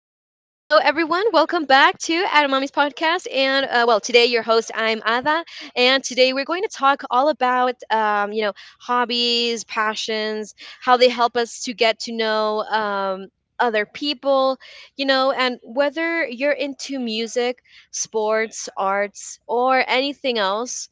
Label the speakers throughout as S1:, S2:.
S1: back to Adamami's podcast. Today your host, I'm Ada, and today we're going to talk all about hobbies, passions, how they help us to get to know other people, you know, and whether you're into music, sports, arts, or anything else.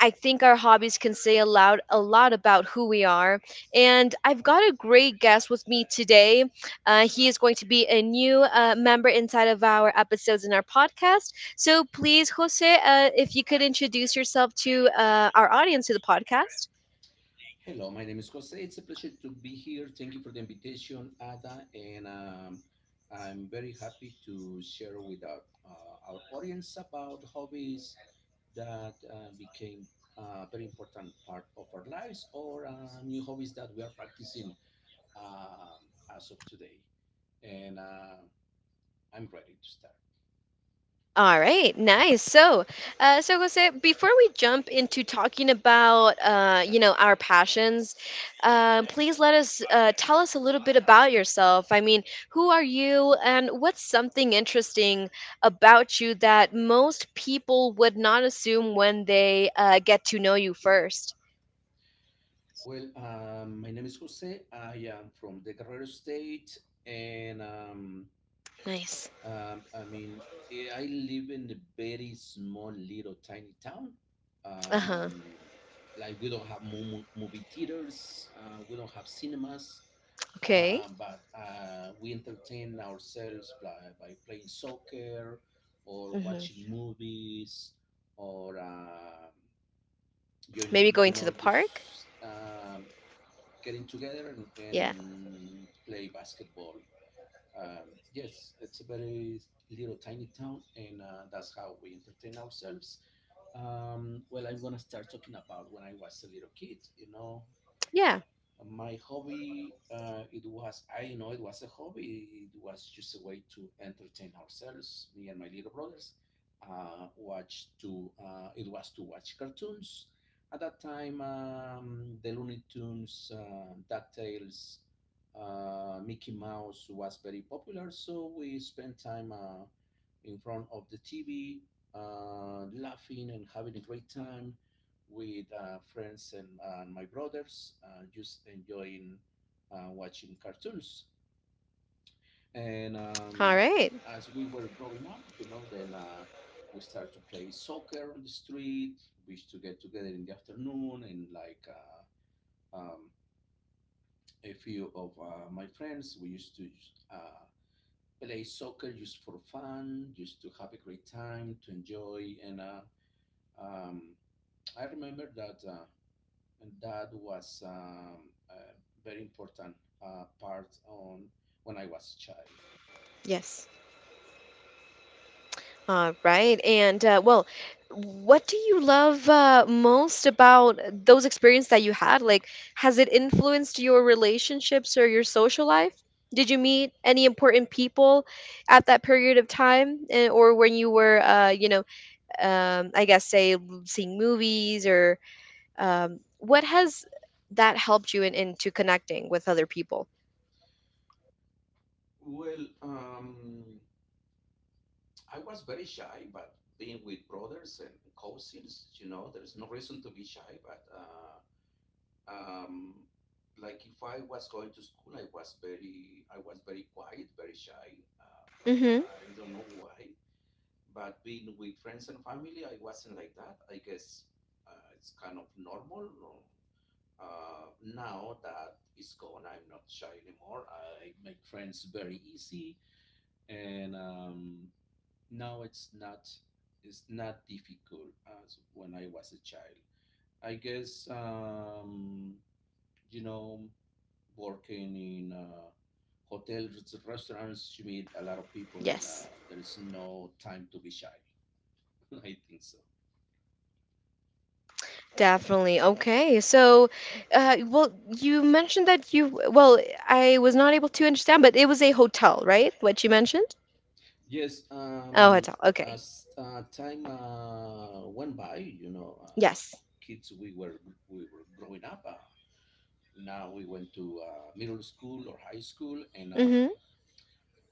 S1: I think our hobbies can say aloud a lot about who we are. And I've got a great guest with me today. He is going to be a new member inside of our episodes in our podcast. So please, Jose, if you could introduce yourself to our audience to the podcast.
S2: Hello, my name is Jose. It's a pleasure to be here. Thank you for the invitation, Ada, and I'm very happy to share with our audience about hobbies that became a very important part of our lives or new hobbies that we are practicing um, as of today. And I'm ready to start.
S1: All right, nice. So Jose, before we jump into talking about, you know, our passions, please let us tell us a little bit about yourself. I mean, who are you, and what's something interesting about you that most people would not assume when they get to know you first?
S2: Well, my name is Jose. I am from the Guerrero State, and
S1: Nice.
S2: I mean, I live in a very small, little, tiny town.
S1: Uh huh.
S2: Um, like we don't have movie theaters, we don't have cinemas,
S1: Okay.
S2: but we entertain ourselves by playing soccer or
S1: Hmm.
S2: watching movies or you
S1: Maybe going
S2: you
S1: to
S2: know
S1: the park.
S2: just getting together and,
S1: Yeah.
S2: and play basketball yes, it's a very little tiny town, and that's how we entertain ourselves. Well, I'm gonna start talking about when I was a little kid. You know,
S1: Yeah.
S2: my hobby it was I didn't know it was a hobby, it was just a way to entertain ourselves, me and my little brothers, watch to it was to watch cartoons at that time. Um, the Looney Tunes, DuckTales, Mickey Mouse was very popular, so we spent time in front of the TV, laughing and having a great time with friends and my brothers, just enjoying watching cartoons. And
S1: All right.
S2: As we were growing up, you know, then we started to play soccer on the street. We used to get together in the afternoon, and like uh, um, a few of my friends, we used to uh, play soccer just for fun, just to have a great time, to enjoy. And um, I remember that and that was a very important part on when I was a child.
S1: Yes. All right. And, what do you love most about those experiences that you had? Like, has it influenced your relationships or your social life? Did you meet any important people at that period of time, or when you were, you know, I guess, seeing movies or what has that helped you in, into connecting with other people?
S2: Well, I was very shy, but being with brothers and cousins, you know, there's no reason to be shy. But um, like if I was going to school, I was very quiet, very shy.
S1: Mm-hmm.
S2: I don't know why, but being with friends and family, I wasn't like that. I guess it's kind of normal. Or, now that it's gone, I'm not shy anymore. I make friends very easy, and now it's not difficult as when I was a child. I guess you know, working in hotels, restaurants, you meet a lot of people, and
S1: Yes.
S2: there is no time to be shy. I think so.
S1: Definitely. Okay. So, uh, well, you mentioned that you, well, I was not able to understand, but it was a hotel, right? What you mentioned?
S2: Yes,
S1: Oh,
S2: um,
S1: hotel. Okay.
S2: as uh, time went by, you know,
S1: Yes.
S2: kids, we were growing up. Now we went to middle school or high school, and
S1: Mm-hmm.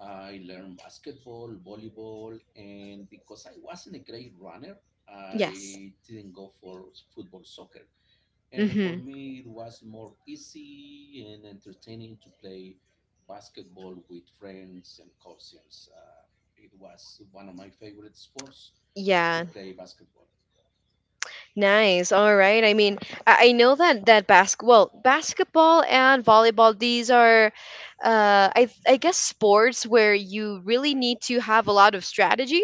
S2: I learned basketball, volleyball, and because I wasn't a great runner,
S1: Yes.
S2: I didn't go for football, soccer. And for
S1: Mm-hmm.
S2: me, it was more easy and entertaining to play basketball with friends and cousins. It was one of my favorite sports to
S1: Yeah.
S2: play basketball.
S1: Nice. All right. I mean, I know that basketball and volleyball, these are, I guess sports where you really need to have a lot of strategy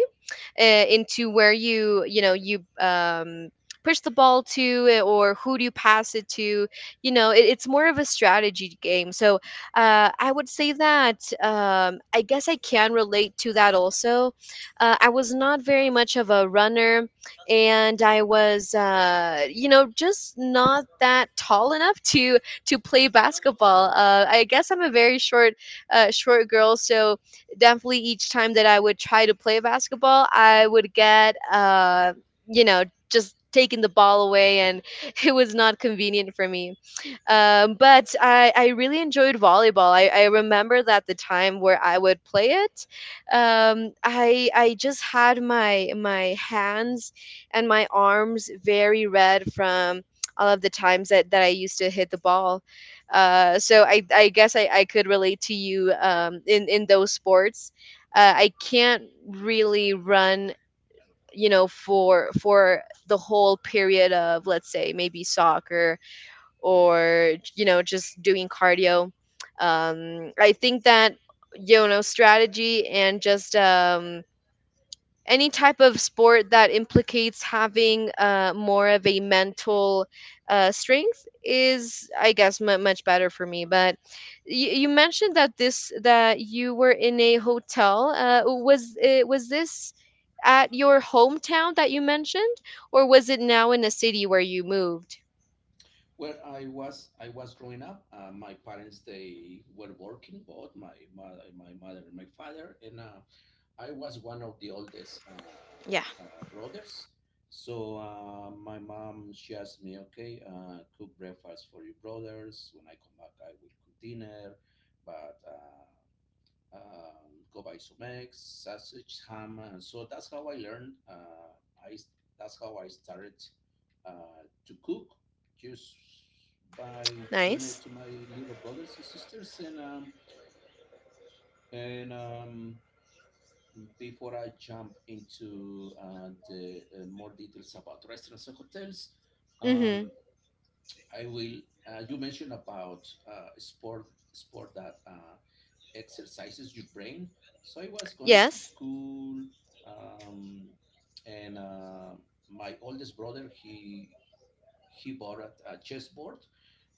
S1: into where you push the ball to or who do you pass it to. You know, it, it's more of a strategy game. So I would say that I guess I can relate to that also. I was not very much of a runner, and I was, you know, just not that tall enough to play basketball. I guess I'm a very short short girl, so definitely each time that I would try to play basketball, I would get, you know, just taking the ball away, and it was not convenient for me. But I really enjoyed volleyball. I remember that the time where I would play it, I just had my my hands and my arms very red from all of the times that, that I used to hit the ball. So I guess I could relate to you in those sports. I can't really run, you know, for the whole period of, let's say, maybe soccer or, you know, just doing cardio. I think that, you know, strategy and just any type of sport that implicates having more of a mental strength is, I guess, mu much better for me. But you mentioned that this that you were in a hotel. Was it, was this at your hometown that you mentioned, or was it now in a city where you moved?
S2: Where I was growing up. My parents, they were working, both my mother, and my father, and I was one of the oldest
S1: Yeah.
S2: brothers. So my mom, she asked me, okay, cook breakfast for your brothers. When I come back, I will cook dinner, but go buy some eggs, sausage, ham. And so that's how I learned. I That's how I started to cook, just by doing it
S1: Nice.
S2: to my little brothers and sisters, and before I jump into the more details about restaurants and hotels,
S1: Mm-hmm.
S2: um, I will. You mentioned about sport that exercises your brain. So I was going to
S1: Yes.
S2: school, um, and my oldest brother, he bought a chessboard,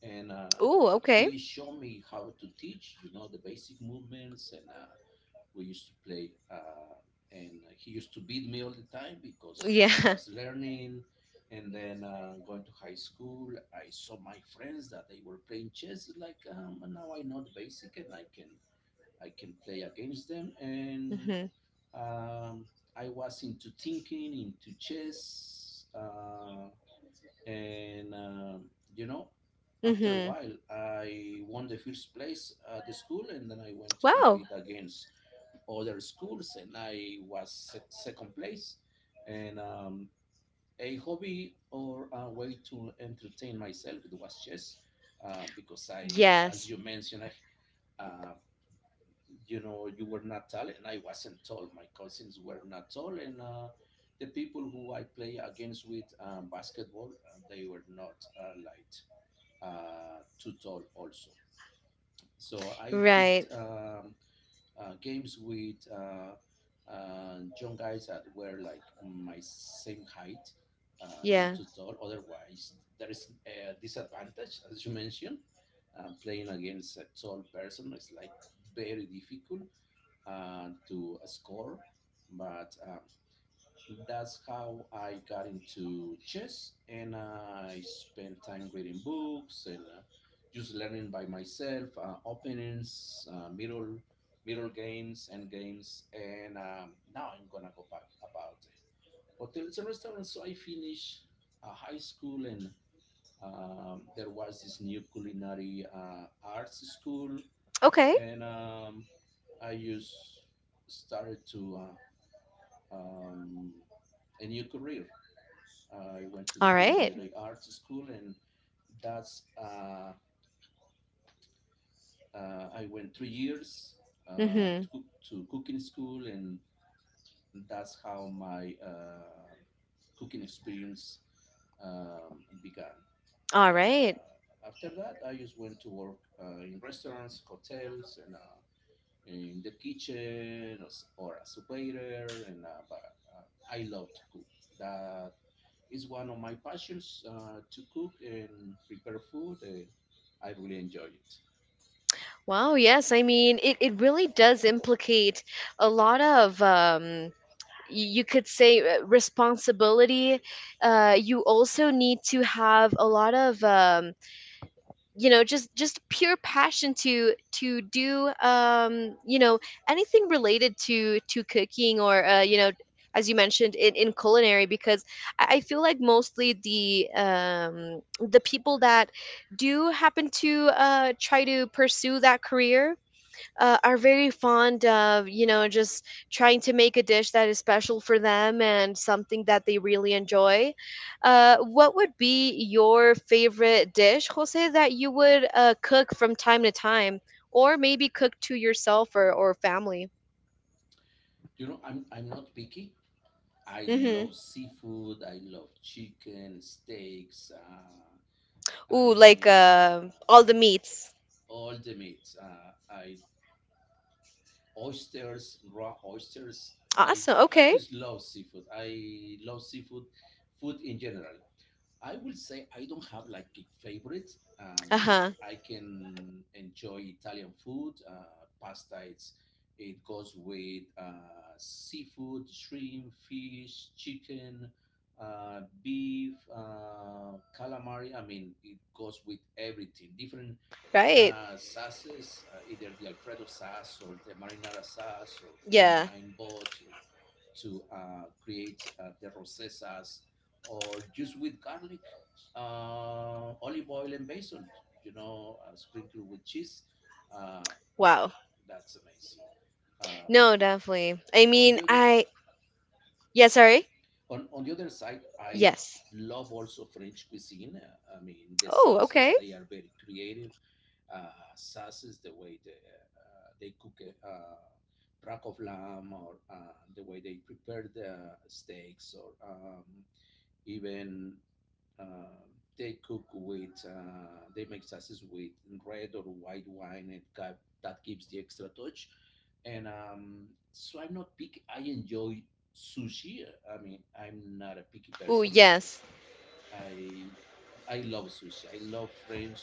S2: and
S1: Ooh, okay.
S2: he showed me how to teach. You know, the basic movements. And we used to play. And he used to beat me all the time because I
S1: Yeah.
S2: was learning. And then going to high school, I saw my friends that they were playing chess. Like now I know the basic, and I can play against them. And
S1: Mm-hmm.
S2: um, I was into thinking, into chess, and you know, after a
S1: Mm-hmm.
S2: while, I won the first place at the school, and then I went to
S1: Wow.
S2: compete against other schools, and I was se- second place. And A hobby or a way to entertain myself, it was chess, because as
S1: Yes.
S2: you mentioned, uh, you know, you were not tall, and I wasn't tall. My cousins were not tall, and the people who I play against with basketball, they were not light, too tall also. So I picked
S1: Right.
S2: games with young guys that were like my same height, not
S1: Yeah.
S2: too tall. Otherwise, there is a disadvantage, as you mentioned. Playing against a tall person is like very difficult to score, but that's how I got into chess, and I spent time reading books and just learning by myself, openings, middle games, and games. And Now I'm gonna go back about hotels and restaurants. So I finished high school, and there was this new culinary arts school,
S1: Okay.
S2: and I just started to uh, um, a new career. I went to the
S1: All right.
S2: culinary arts school, and that's I went 3 years uh,
S1: Mm-hmm.
S2: to, to cooking school, and that's how my cooking experience began.
S1: All
S2: And
S1: right.
S2: after that, I just went to work in restaurants, hotels, and in the kitchen, or as a waiter, and but I love to cook. That is one of my passions, to cook and prepare food, and I really enjoy it.
S1: Wow. Yes. I mean, it really does implicate a lot of, y- you could say, responsibility. You also need to have a lot of you know, just pure passion to do, you know, anything related to cooking or, you know, as you mentioned in culinary, because I feel like mostly the people that do happen to try to pursue that career are very fond of, you know, just trying to make a dish that is special for them and something that they really enjoy. What would be your favorite dish, Jose, that you would cook from time to time, or maybe cook to yourself, or family?
S2: You know, I'm not picky. I
S1: Hmm.
S2: love seafood, I love chicken, steaks, i
S1: Ooh, like,
S2: mean uh,
S1: all the meats.
S2: all the meats, I oysters, raw oysters.
S1: Awesome,
S2: I
S1: okay.
S2: just love seafood. Food in general. I will say I don't have like a favorite. I mean,
S1: Uh-huh.
S2: I can enjoy Italian food, pasta. It's, it goes with seafood, shrimp, fish, chicken, beef, calamari. I mean, it goes with everything. Different
S1: Right.
S2: sauces, either the Alfredo sauce or the marinara sauce, or
S1: Yeah.
S2: combine both to, create the rosé sauce, or just with garlic, olive oil, and basil. You know, sprinkle with cheese. Uh,
S1: Wow.
S2: that's amazing. Um,
S1: No, definitely, I
S2: on
S1: mean,
S2: the other
S1: i. Yeah, sorry.
S2: on the other side, I
S1: Yes.
S2: love also French cuisine. I mean, the
S1: Oh,
S2: sauces,
S1: okay.
S2: they are very creative. SAS is the way they cook a rack of lamb, or the way they prepare the steaks, or even uh, they cook with, they make sauces with red or white wine, and that gives the extra touch. And so I'm not picky. I enjoy sushi. I mean, I'm not a picky
S1: Oh,
S2: person.
S1: yes.
S2: I I love sushi. I love French,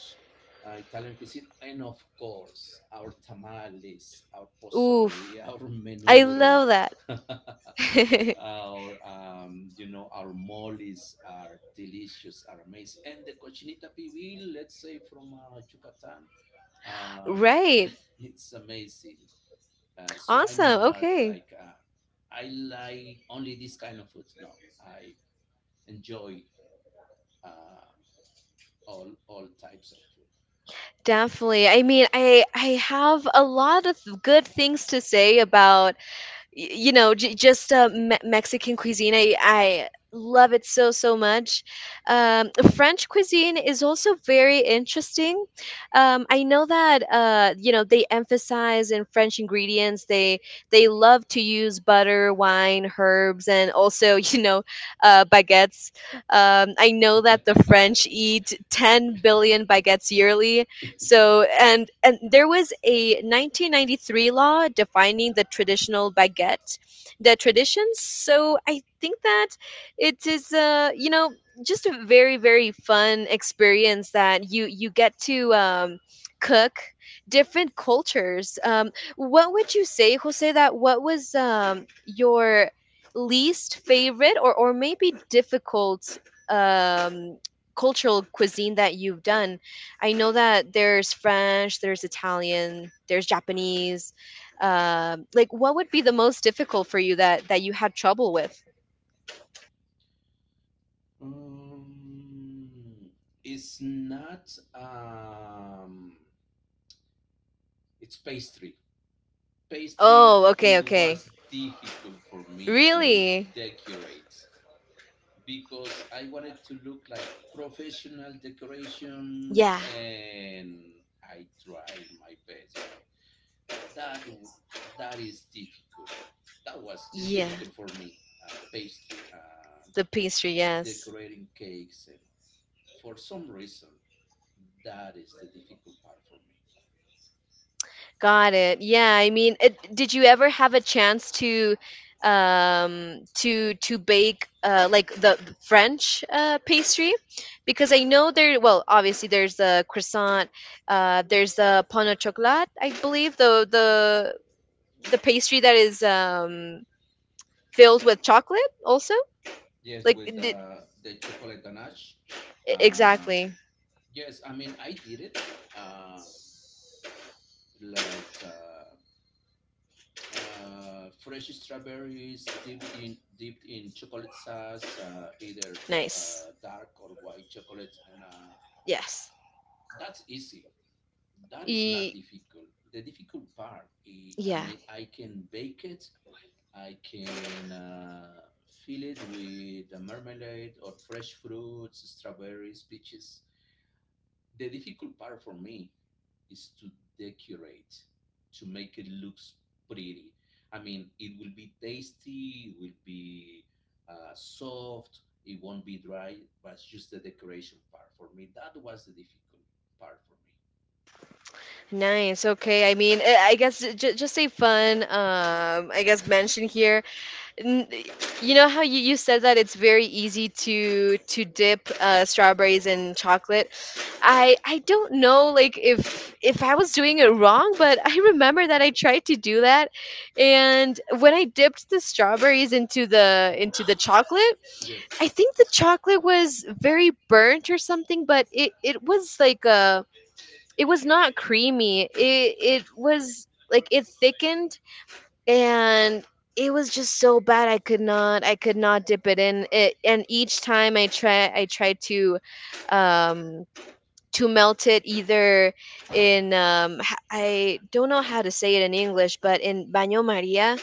S2: Italian cuisine, and of course our tamales, our
S1: Oof.
S2: pozole, our
S1: I
S2: menudo,
S1: love that.
S2: our you know, our moles are delicious, are amazing, and the cochinita pibil, let's say from Yucatan, um,
S1: Right.
S2: it's amazing. So I'm
S1: Awesome.
S2: not
S1: Okay.
S2: like I like only this kind of food. No, I enjoy Uh, all types of
S1: Definitely. I mean, I have a lot of good things to say about y- you know, just mexican cuisine. I love it so so much. French cuisine is also very interesting. I know that, you know, they emphasize in french ingredients. They love to use butter, wine, herbs, and also you know, baguettes. I know
S2: food.
S1: that the french eat 10 billion baguettes yearly, so. And there was a 1993 law defining the traditional baguette, the traditions. So I think that it is, you know, just a very very fun experience that you get to cook different cultures. What would you say, Jose? That what was your least favorite, or maybe difficult um cultural cuisine that you've done? I know that there's French, there's Italian, there's Japanese. Like, what would be the most difficult for you that that you had trouble with?
S2: um, it's not. It's pastry. Pastry.
S1: Oh, okay,
S2: It
S1: okay.
S2: was difficult for me to
S1: Really?
S2: decorate because I wanted to look like professional decoration,
S1: Yeah,
S2: and I tried my best, but that that is difficult. That was It's
S1: yeah.
S2: difficult for me. Pastry,
S1: The pastry, yes.
S2: decorating cakes, and for some reason, that is the difficult part for me.
S1: Got it. Yeah, I mean, it, did you ever have a chance to bake, like the French pastry? Because I know there, well, obviously there's the croissant, there's the pain au chocolat, I believe, the pastry that is filled with chocolate also.
S2: Yes,
S1: Like
S2: with
S1: did,
S2: the chocolate ganache. Um,
S1: exactly.
S2: yes, I mean, I did it. Um, like uh, Fresh strawberries dipped in chocolate sauce, either the
S1: Nice.
S2: dark or white chocolate, and
S1: Yes.
S2: that's easy. That is not
S1: E-
S2: difficult. The difficult part, I
S1: yeah.
S2: mean, I can bake it. I can fill it with a marmalade or fresh fruits, strawberries, peaches. The difficult part for me is to decorate, to make it looks pretty. I mean, it will be tasty, it will be soft, it won't be dry, but it's just the decoration part for me. That was the difficult part for me.
S1: Nice. Okay. I mean, I guess just a fun, I guess mention here. N- you know how you, you said that it's very easy to dip strawberries in chocolate. I don't know, like if I was doing it wrong, but I remember that I tried to do that, and when I dipped the strawberries into the chocolate,
S2: Yes,
S1: I think the chocolate was very burnt or something, but it was like a, it was not creamy. It was like it thickened, and it was just so bad I could not dip it in it. And each time I try I tried um to melt it either in, I don't know how to say it in English, but in baño maria.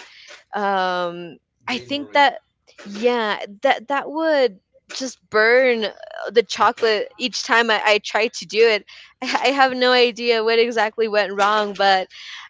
S1: um I
S2: Bain
S1: think
S2: Marie.
S1: that, yeah, that that would just burn the chocolate each time I try to do it. I have no idea what exactly went wrong, but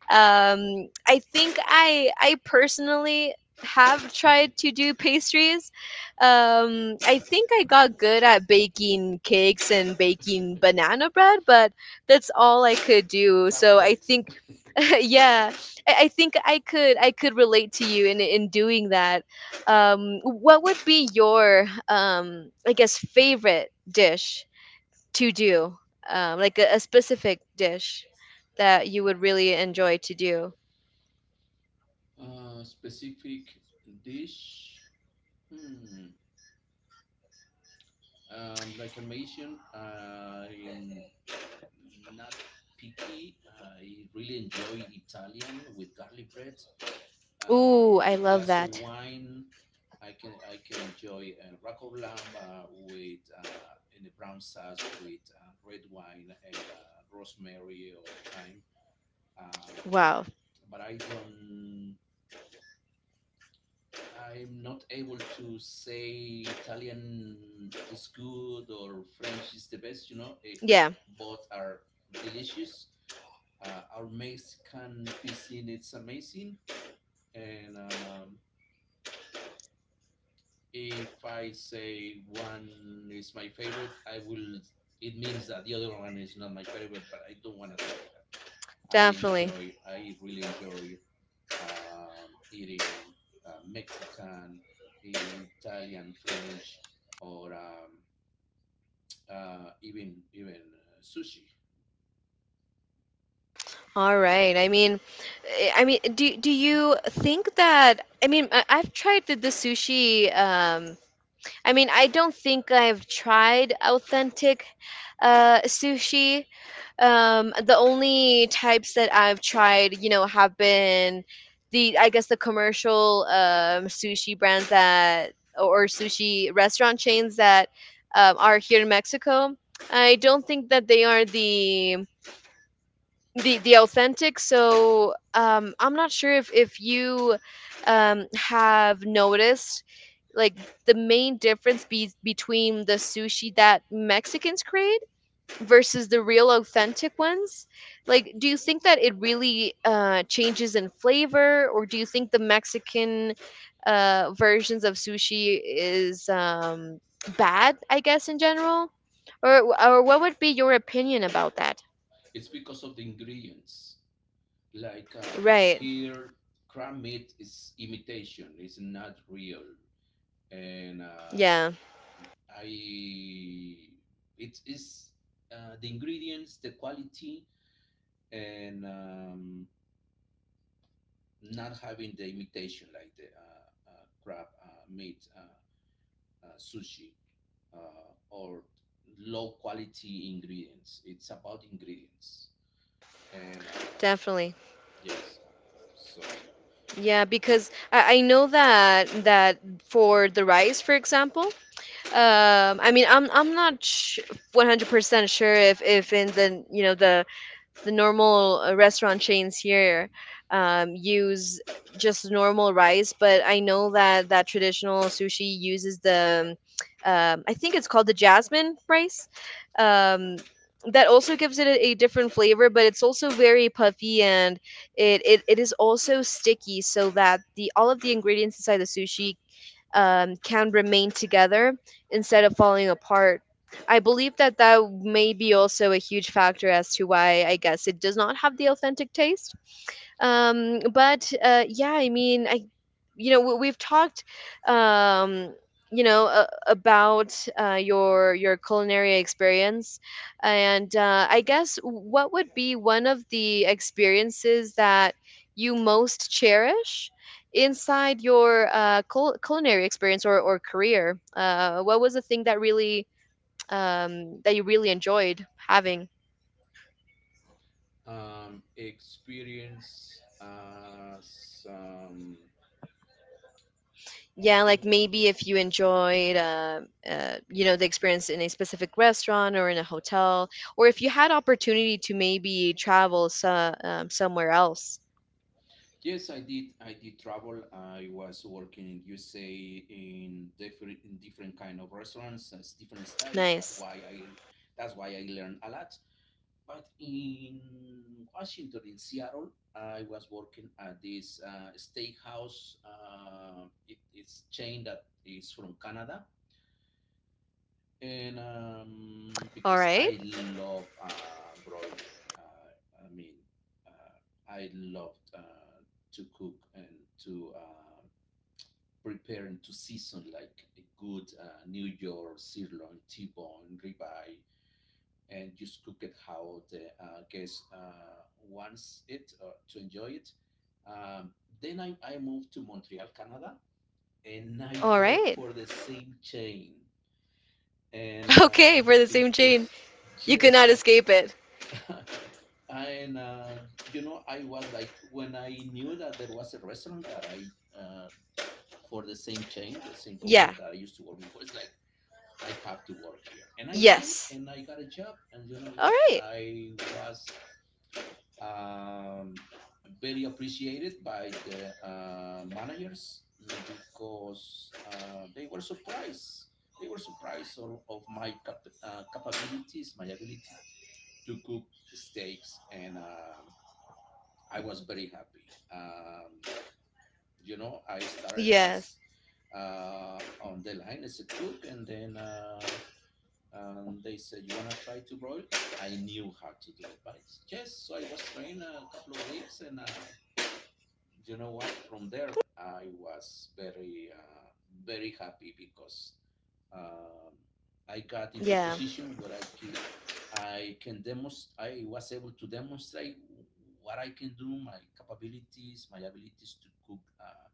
S1: I think I personally have tried to do pastries. I think I got good at baking cakes and baking banana bread, but that's all I could do, so I
S2: Cupcakes.
S1: think yeah, I think I could relate to you in doing that. What would be your, I guess, favorite dish to do? Like a specific dish that you would really enjoy to do?
S2: Specific dish. Hmm. Like I mentioned, I'm not picky. I really enjoy Italian with garlic bread.
S1: Ooh, I
S2: A
S1: love
S2: glass of
S1: that.
S2: wine. I can enjoy a rack of lamb with in a brown sauce with red wine and rosemary or thyme. Um,
S1: Wow.
S2: but I don't. I'm not able to say Italian is good or French is the best. You know, it
S1: Yeah,
S2: both are delicious. Our Mexican cuisine, it's amazing. And if I say one is my favorite, I will. It means that the other one is not my favorite, but I don't want to say that. I
S1: definitely.
S2: enjoy. I really enjoy eating Mexican, Italian, French, or even sushi.
S1: All right, I mean, I mean, do you think that, I mean I've tried the sushi. I mean, I don't think I've tried authentic sushi. The only types that I've tried, you know, have been the I guess the commercial sushi brands that or sushi restaurant chains that are here in Mexico. I don't think that they are the authentic. So I'm not sure if you have noticed, like, the main difference between the sushi that mexicans create versus the real authentic ones. Like, do you think that it really changes in flavor, or do you think the mexican versions of sushi is bad, I guess, in general, or what would be your opinion about that?
S2: It's because of the ingredients. Like,
S1: Right.
S2: here crab meat is imitation, it's not real. And I it is, the ingredients, the quality, and not having the imitation, like the crab meat, sushi, or low quality ingredients. It's about ingredients. And
S1: Definitely.
S2: yes, so
S1: Yeah, because I know that that for the rice, for example, I mean, I'm not sh- 100% sure if in the, you know, the normal restaurant chains here use just normal rice, but I know that that traditional sushi uses the, I think it's called the jasmine rice. Um, that also gives it a different flavor, but it's also very puffy, and it is also sticky so that the all of the ingredients inside the sushi can remain together instead of falling apart. I believe that that may be also a huge factor as to why I guess it does not have the authentic taste but yeah, I mean I you know, we've talked, um you know, about your culinary experience, and I guess what would be one of the experiences that you most cherish inside your culinary experience or career. What was the thing that really that you really enjoyed having?
S2: experience some.
S1: Yeah,
S2: So
S1: like maybe if you enjoyed you know, the experience in a specific restaurant or in a hotel, or if you had opportunity to maybe travel so, somewhere else.
S2: yes, I did. I did travel. I was working in USA in different kind of restaurants, as different styles.
S1: Nice.
S2: That's why I learned a lot. But in Washington, in Seattle, I was working at this steakhouse. It's chain that is from Canada. And
S1: All
S2: because
S1: right.
S2: I love broiling, I mean, I love to cook and to prepare and to season like a good New York sirloin, T-bone, ribeye, and just cook it how the guest wants it, or to enjoy it. Um, then I moved to Montreal, Canada, and I
S1: All
S2: work
S1: right.
S2: for the same chain. And
S1: Okay, for the same chain,
S2: because
S1: you could
S2: yes,
S1: not escape it.
S2: and you know, I was like, when I knew that there was a restaurant that I, uh, for the same chain, the same company
S1: Yeah.
S2: that I used to work before, it's like I have to work here. And I went
S1: Yes.
S2: and I got a job, and you know
S1: All
S2: what?
S1: right.
S2: I was um, very appreciated by the managers, because they were surprised. They were surprised of, my capabilities, my ability to cook steaks, and I was very happy. You know, I started
S1: Yes.
S2: as, on the line as a cook, and then and they said, "You wanna try to broil?" I knew how to do it, but yes, so I was trained a couple of weeks and. You know what? From there, I was very, very happy, because um, I got into a
S1: Yeah.
S2: position where I can demonstrate. I was able to demonstrate what I can do, my capabilities, my abilities to cook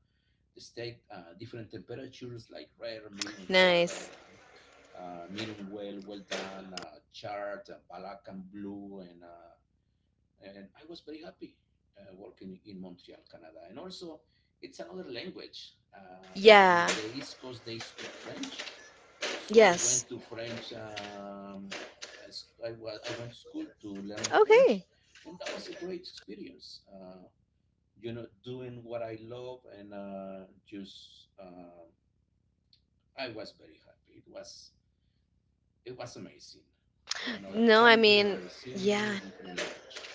S2: the steak, different temperatures like rare,
S1: Nice.
S2: medium well, well done, charred, black and blue, and I was very happy, working in Montreal, Canada. And also, it's another language.
S1: Yeah.
S2: On the East Coast, they speak French, so I
S1: Yes.
S2: went to French. I, s- I went to school to learn French,
S1: Okay.
S2: and that was a great experience. You know, doing what I love, and just, I was very happy. It was, it was amazing. Another
S1: No, I
S2: country,
S1: mean,
S2: another
S1: yeah,
S2: city, different language.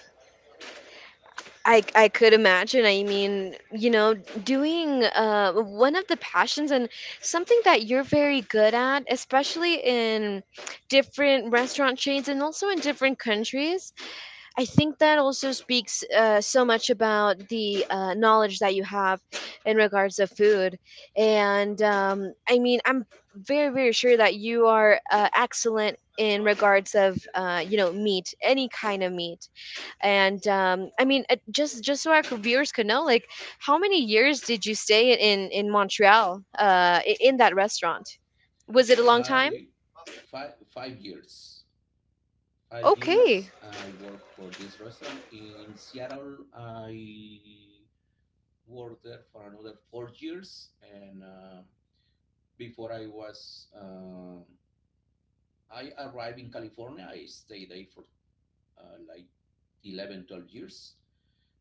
S1: I could imagine. I mean, you know, doing one of the passions and something that you're very good at, especially in different restaurant chains and also in different countries. I think that also speaks so much about the knowledge that you have in regards of food. And I mean, I'm very, very sure that you are excellent in regards of, you know, meat, any kind of meat. And I mean, just so our viewers could know, like, how many years did you stay in Montreal, in that restaurant? Was it a long time?
S2: I five five years. Five
S1: Okay.
S2: years I worked for this restaurant in Seattle. I worked there for another 4 years, and before I arrived in California. I stayed there for, like, 11, 12 years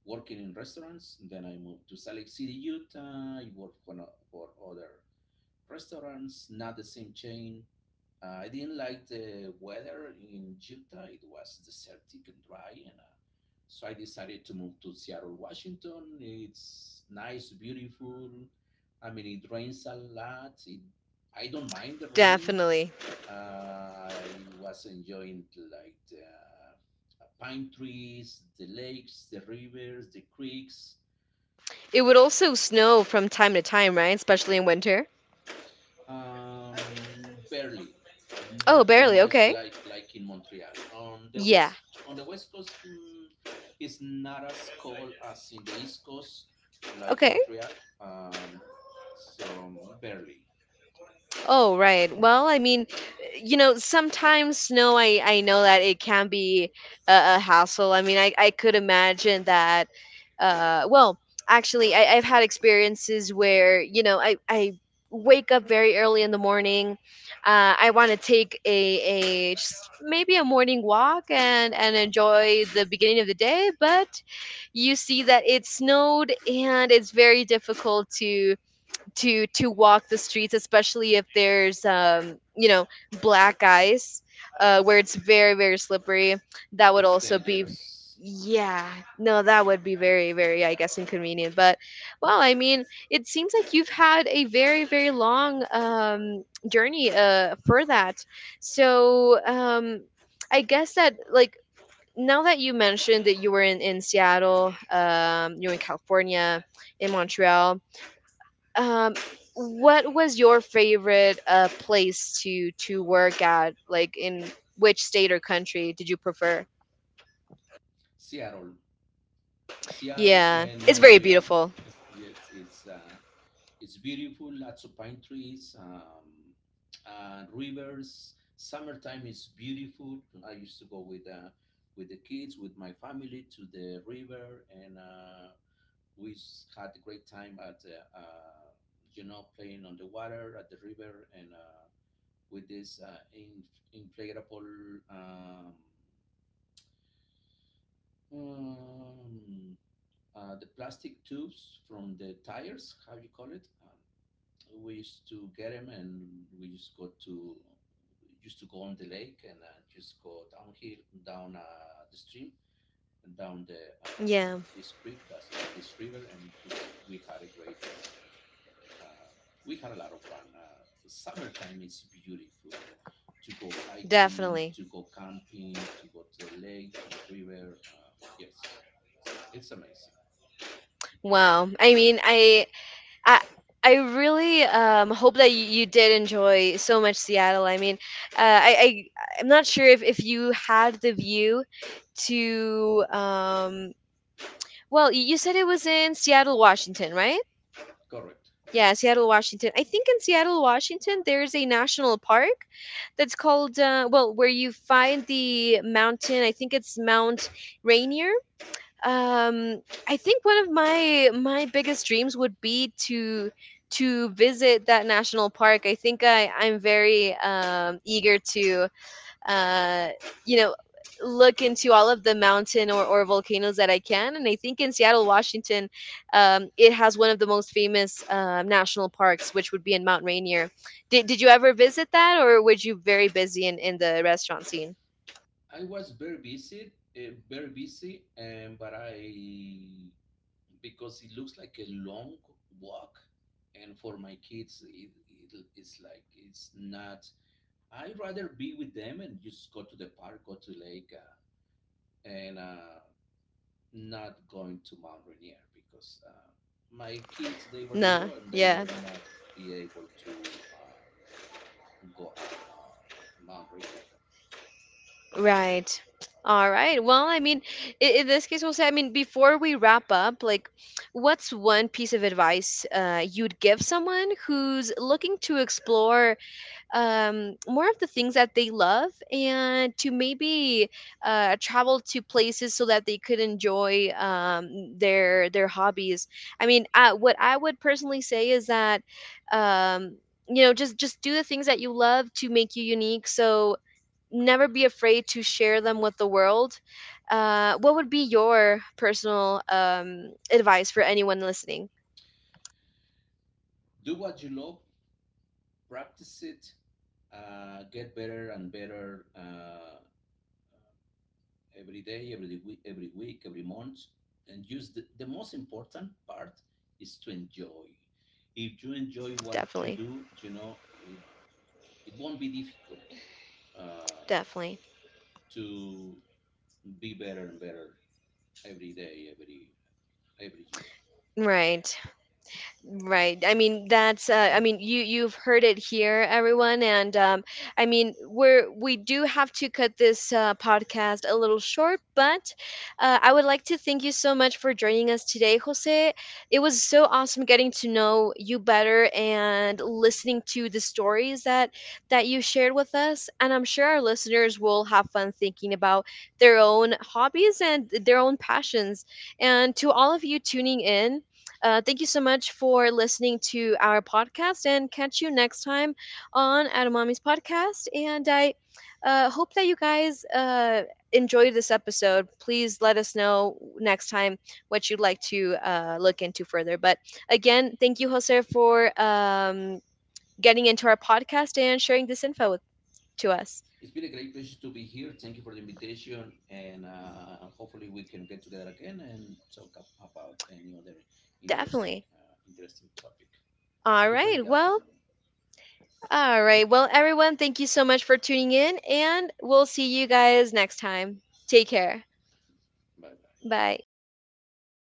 S2: working in restaurants. Then I moved to Salt Lake City, Utah. I worked for, no, for other restaurants, not the same chain. I didn't like the weather in Utah. It was desertic and dry, and so I decided to move to Seattle, Washington. It's nice, beautiful. I mean, it rains a lot. I don't mind the rain.
S1: Definitely.
S2: I was enjoying like the pine trees, the lakes, the rivers, the creeks.
S1: It would also snow from time to time, right? Especially in winter.
S2: Barely,
S1: Oh,
S2: not too
S1: barely.
S2: much,
S1: Okay.
S2: like in Montreal.
S1: Yeah.
S2: On the west coast, it's not as cold as in the east coast, like
S1: Okay.
S2: Montreal. Um, so barely,
S1: Oh, right. Well, I mean, you know, sometimes no, I know that it can be a hassle. I mean, I could imagine that. Well, actually, I've had experiences where you know I wake up very early in the morning. I want to take a just maybe a morning walk and enjoy the beginning of the day, but you see that it snowed and it's very difficult to to walk the streets, especially if there's you know black ice where it's very, very slippery. That would
S2: it's
S1: also be,
S2: dangerous.
S1: yeah, no, that would be very, very, I guess, inconvenient. But well, I mean, it seems like you've had a very, very long journey for that. So I guess that, like, now that you mentioned that you were in Seattle, you were in California, in Montreal, um what was your favorite place to work at? Like, in which state or country did you prefer?
S2: Seattle, Seattle,
S1: Yeah,
S2: and
S1: it's very
S2: Montreal.
S1: beautiful.
S2: Yes, it's beautiful, lots of pine trees, rivers. Summertime is beautiful. I used to go with the kids, with my family to the river, and we had a great time at the, you know, playing on the water at the river, and with this, inflatable, um, the plastic tubes from the tires. How you call it? We used to get him and we just go to used to go on the lake and just go downhill, down the stream and down the,
S1: Yeah,
S2: this creek, that's this river. And just uh, we had a lot of fun. Summertime is beautiful to go hiking,
S1: definitely.
S2: to go camping, to go to the lake, to the river. Yes, it's amazing.
S1: Wow, I mean, i I really hope that you did enjoy so much Seattle. I mean, uh, I, I I'm not sure if you had the view to well, you said it was in Seattle, Washington, right?
S2: Correct.
S1: Yeah, Seattle, Washington. I think in Seattle, Washington, there's a national park that's called, well, where you find the mountain. I think it's Mount Rainier. Um, I think one of my my biggest dreams would be to visit that national park. I think I'm very eager to uh, you know, look into all of the mountain or volcanoes that I can. And I think in Seattle, Washington, it has one of the most famous national parks, which would be in Mount Rainier. Did you ever visit that, or were you very busy in the restaurant scene?
S2: I was very busy, very busy. And but I because it looks like a long walk, and for my kids it's like, it's not, I'd rather be with them and just go to the park, go to lake, and not going to Mount Rainier, because my kids, they were
S1: Nah,
S2: little and they
S1: yeah.
S2: were not be able to go up Mount Rainier.
S1: Right. All right. Well, I mean, in this case, we'll say, I mean, before we wrap up, like, what's one piece of advice you'd give someone who's looking to explore more of the things that they love and to maybe travel to places so that they could enjoy their hobbies? I mean, what I would personally say is that um, you know, just do the things that you love to make you unique. So never be afraid to share them with the world. What would be your personal advice for anyone listening?
S2: Do what you love, practice it, get better and better, every day, every week, every month, and use the most important part is to enjoy. If you enjoy what you
S1: Definitely,
S2: do, you know it won't be difficult, uh,
S1: definitely.
S2: to be better and better every day, every year. So
S1: Right. Right. I mean, that's. I mean, you you've heard it here, everyone, and I mean, we're we do have to cut this podcast a little short, but I would like to thank you so much for joining us today, Jose. It was so awesome getting to know you better and listening to the stories that that you shared with us, and I'm sure our listeners will have fun thinking about their own hobbies and their own passions. And to all of you tuning in. Thank you so much for listening to our podcast and catch you next time on Atomami's podcast. And I hope that you guys enjoyed this episode. Please let us know next time what you'd like to look into further. But again, thank you, Jose, for getting into our podcast and sharing this info with, to us.
S2: it's been a great pleasure to be here. Thank you for the invitation, and hopefully we can get together again and talk about any other
S1: Definitely.
S2: interesting topic.
S1: All
S2: Happy
S1: right.
S2: great
S1: Well,
S2: afternoon.
S1: all right. Well, everyone, thank you so much for tuning in, and we'll see you guys next time. Take care.
S2: Bye bye.
S1: Bye.